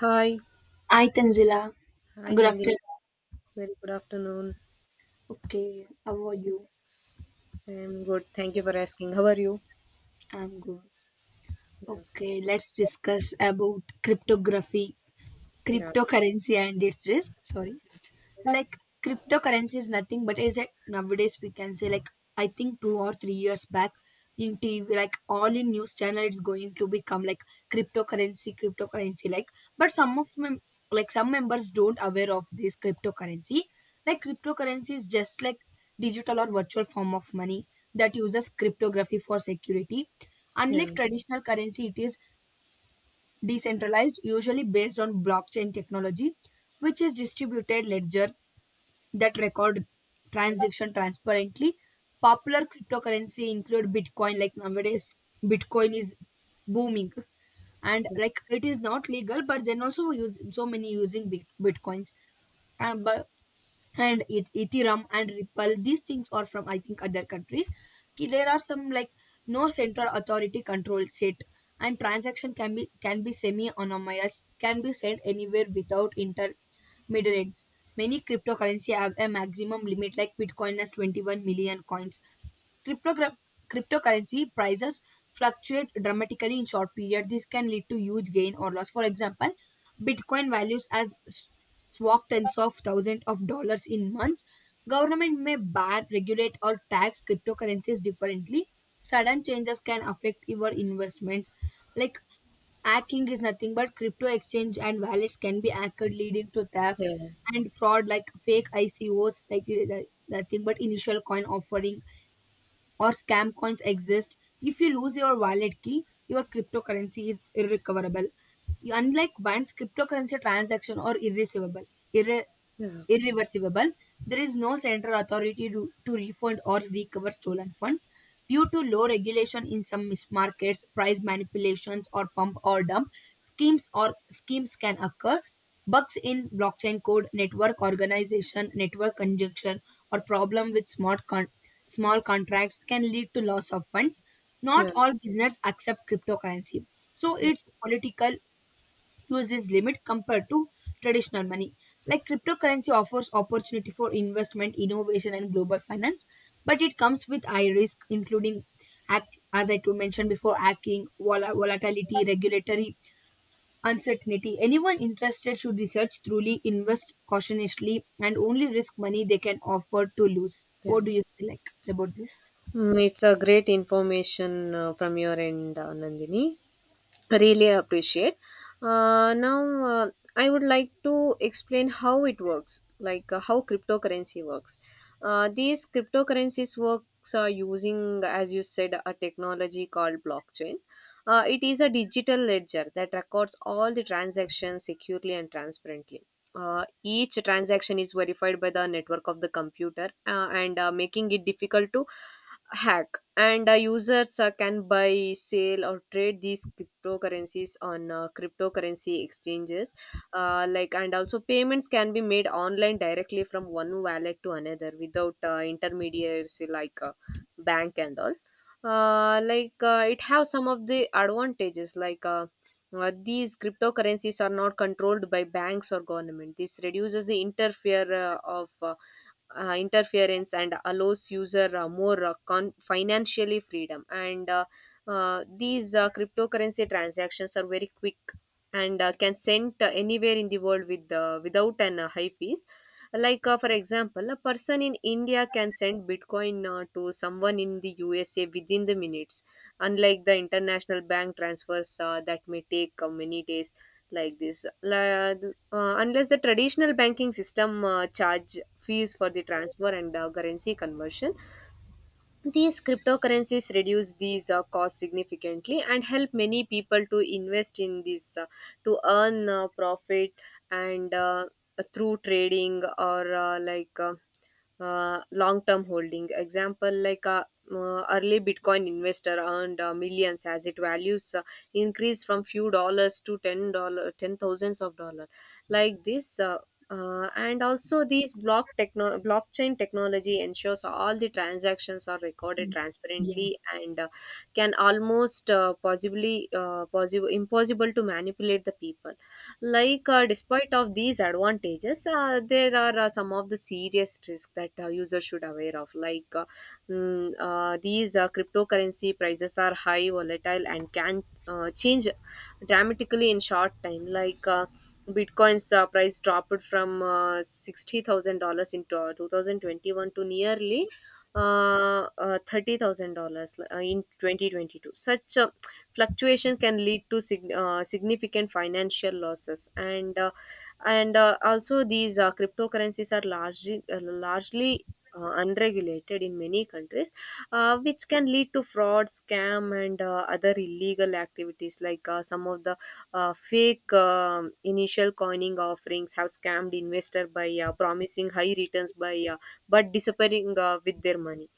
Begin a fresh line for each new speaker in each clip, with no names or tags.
Hi.
Hi Tanzila,
Hi,
good
Nandini.
afternoon.
Very good afternoon.
Okay, how are you?
I'm good. Thank you for asking. How are you?
I'm good.
Yeah.
Okay, let's discuss about cryptography,
Yeah.
cryptocurrency and its risk. Sorry. Like cryptocurrency is nothing but, is it, nowadays we can say, like I think 2 or 3 years back in tv, like all in news channel, it's going to become like cryptocurrency, like, but like some members don't aware of this cryptocurrency. Like cryptocurrency is just like digital or virtual form of money that uses cryptography for security. Unlike
Yeah.
traditional currency, it is decentralized, usually based on blockchain technology, which is distributed ledger that record transaction transparently. Popular cryptocurrency include Bitcoin. Like nowadays, Bitcoin is booming, and like it is not legal, but then also use so many using Bitcoins. And but and ethereum and ripple, these things are from I think other countries. Ki there are some like no central authority control set, and transaction can be semi anonymous, can be sent anywhere without intermediaries. Many cryptocurrency have a maximum limit, like bitcoin has 21 million coins. cryptogra- Cryptocurrency prices fluctuate dramatically in short period. This can lead to huge gain or loss. For example, bitcoin values as swag tens of thousands of dollars in months. Government may ban, regulate, or tax cryptocurrencies differently. Sudden changes can affect your investments. Like hacking is nothing but crypto exchange and wallets can be hacked, leading to theft
Yeah.
and fraud. Like fake ICOs, like nothing but initial coin offering, or scam coins exist. If you lose your wallet key, your cryptocurrency is irrecoverable. Unlike banks, cryptocurrency transaction are irreversible
Yeah.
irreversible. There is no central authority to refund or recover stolen funds. Due to low regulation in some markets, price manipulations or pump or dump schemes can occur. Bugs in blockchain code, network organization, network conjunction, or problem with small contracts can lead to loss of funds. Not
Yeah.
all business accept cryptocurrency. So
Yeah.
it's political use this limit compared to traditional money. Like cryptocurrency offers opportunity for investment, innovation, and global finance, but it comes with high risk, including, mentioned before, hacking, volatility, regulatory uncertainty. Anyone interested should research truly, invest cautiously, and only risk money they can afford to lose.
Yeah.
What do you say like about this?
Mm, it's a great information from your end, Nandini. Really appreciate. Now, I would like to explain how it works, like how cryptocurrency works. These cryptocurrencies works are using, as you said, a technology called blockchain. It is a digital ledger that records all the transactions securely and transparently. Each transaction is verified by the network of the computer and making it difficult to hack, and users can buy sell or trade these cryptocurrencies on cryptocurrency exchanges like, and also payments can be made online directly from one wallet to another without intermediaries like bank and all. Like it have some of the advantages, like these cryptocurrencies are not controlled by banks or government. This reduces the interfere of interference and allows user more financially freedom, and these cryptocurrency transactions are very quick, and can send anywhere in the world with without an high fees, like for example a person in India can send bitcoin to someone in the USA within the minutes, unlike the international bank transfers that may take many days, like this unless the traditional banking system charge fees for the transfer and currency conversion. These cryptocurrencies reduce these costs significantly and help many people to invest in this, to earn profit and through trading or like, long-term holding. Example, like early Bitcoin investor earned millions as its values increased from few dollars to ten thousands of dollar. Like this, uh, and also these blockchain technology ensures all the transactions are recorded
Mm. Yeah.
transparently, and can almost possibly possible impossible to manipulate the people, like despite of these advantages, there are some of the serious risks that users should aware of, like these cryptocurrency prices are high volatile and can change dramatically in short time, like Bitcoin's price dropped from $60,000 in 2021 to nearly $30,000 in 2022. Such fluctuation can lead to significant financial losses, and also these cryptocurrencies are largely unregulated in many countries, which can lead to fraud scam and other illegal activities, like some of the fake initial coining offerings have scammed investor by promising high returns by but disappearing with their money,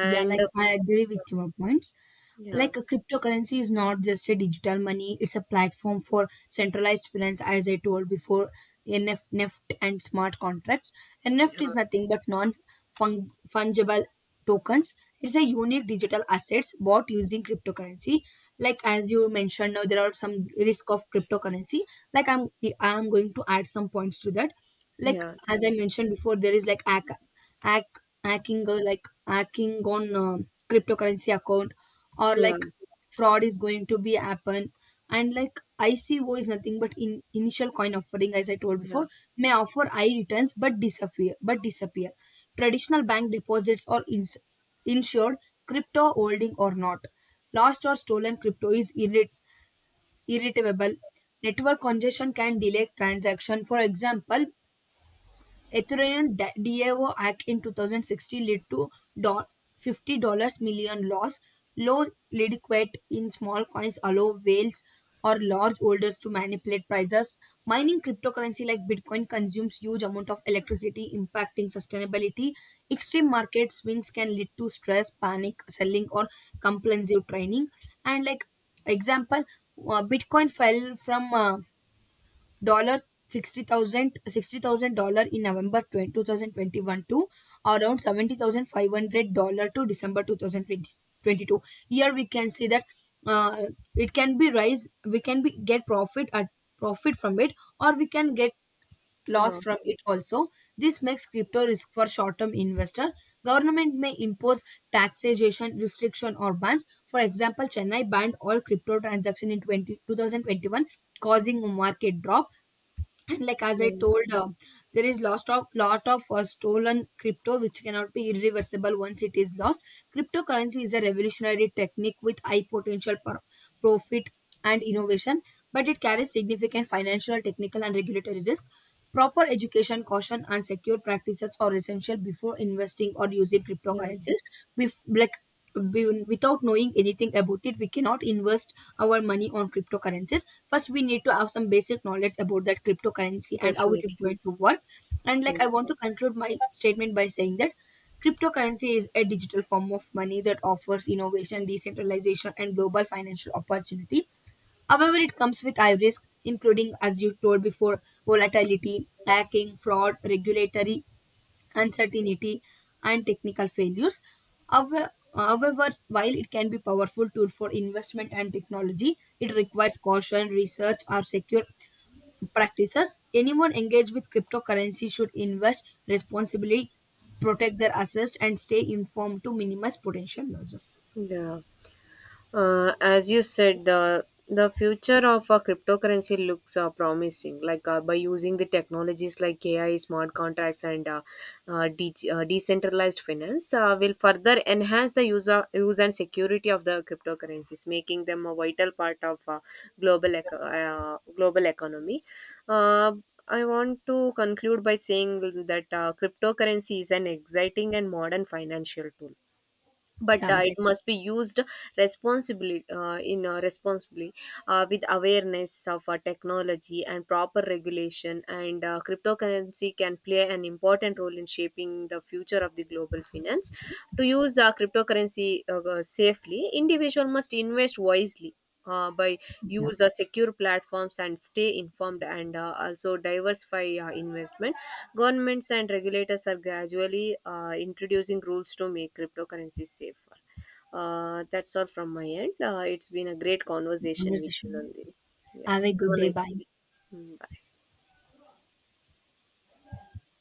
Yeah, like I agree with your points.
yeah,
Like a cryptocurrency is not just a digital money, it's a platform for centralized finance, as I told before, NF, and smart contracts. And NEFT
yeah,
is nothing but non fungible tokens. It's a unique digital assets bought using cryptocurrency. Like as you mentioned now, there are some risk of cryptocurrency. Like I'm going to add some points to that. Like
yeah.
as I
Definitely.
mentioned before, there is like ac ac hacking, or like hacking on cryptocurrency account, or
Yeah,
like fraud is going to be happen. And like ico is nothing but in initial coin offering, as I told
yeah.
before, may offer high returns but disappear. Traditional bank deposits or insured crypto holding or not. Lost or stolen crypto is irretrievable. Network congestion can delay transaction. For example, Ethereum DAO hack in 2016 led to do- $50 million loss. Low liquidity in small coins allow whales or large holders to manipulate prices. Mining cryptocurrency like Bitcoin consumes huge amount of electricity, impacting sustainability. Extreme market swings can lead to stress, panic, selling, or compulsive training. And like, example, Bitcoin fell from dollars $60,000 in November 22,000 2021, to around $70,500 to December 2022. Here we can see that uh, it can be rise, we can be get profit at profit from it, or we can get loss from
Loss.
it also. This makes crypto risk for short term investor. Government may impose taxation restriction or bans. For example, chennai banned all crypto transaction in 20 2021, causing a market drop. And like, as I
Yeah,
told there is lost of lot of stolen crypto which cannot be irreversible once it is lost. Cryptocurrency is a revolutionary technique with high potential for profit and innovation, but it carries significant financial, technical and regulatory risk. Proper education, caution and secure practices are essential before investing or using
yeah.
cryptocurrencies. Bef- like Without knowing anything about it, we cannot invest our money on cryptocurrencies. First we need to have some basic knowledge about that cryptocurrency and how it
Definitely.
is going to work. And
Yeah,
like I want to conclude my statement by saying that cryptocurrency is a digital form of money that offers innovation, decentralization and global financial opportunity. However it comes with high risk, including, as you told before, volatility, hacking, fraud, regulatory uncertainty, and technical failures. However, while it can be powerful tool for investment and technology, it requires caution, research, or secure practices. Anyone engaged with cryptocurrency should invest responsibly, protect their assets, and stay informed to minimize potential losses.
yeah. As you said, the future of a cryptocurrency looks promising, like by using the technologies like AI smart contracts and decentralized finance will further enhance the user use and security of the cryptocurrencies, making them a vital part of global economy. uh, I want to conclude by saying that cryptocurrency is an exciting and modern financial tool, but
Yeah,
it
that,
must be used responsibly in responsibly, with awareness of technology and proper regulation, and cryptocurrency can play an important role in shaping the future of the global finance. To use cryptocurrency safely, individual must invest wisely by
yeah,
use secure platforms and stay informed, and also diversify investment. Governments and regulators are gradually introducing rules to make cryptocurrencies safer. That's all from my end. It's been a great conversation with you,
conversation.
Nandini. Yeah.
Have a
Have
good
a
day.
nice.
Bye.
Mm, bye.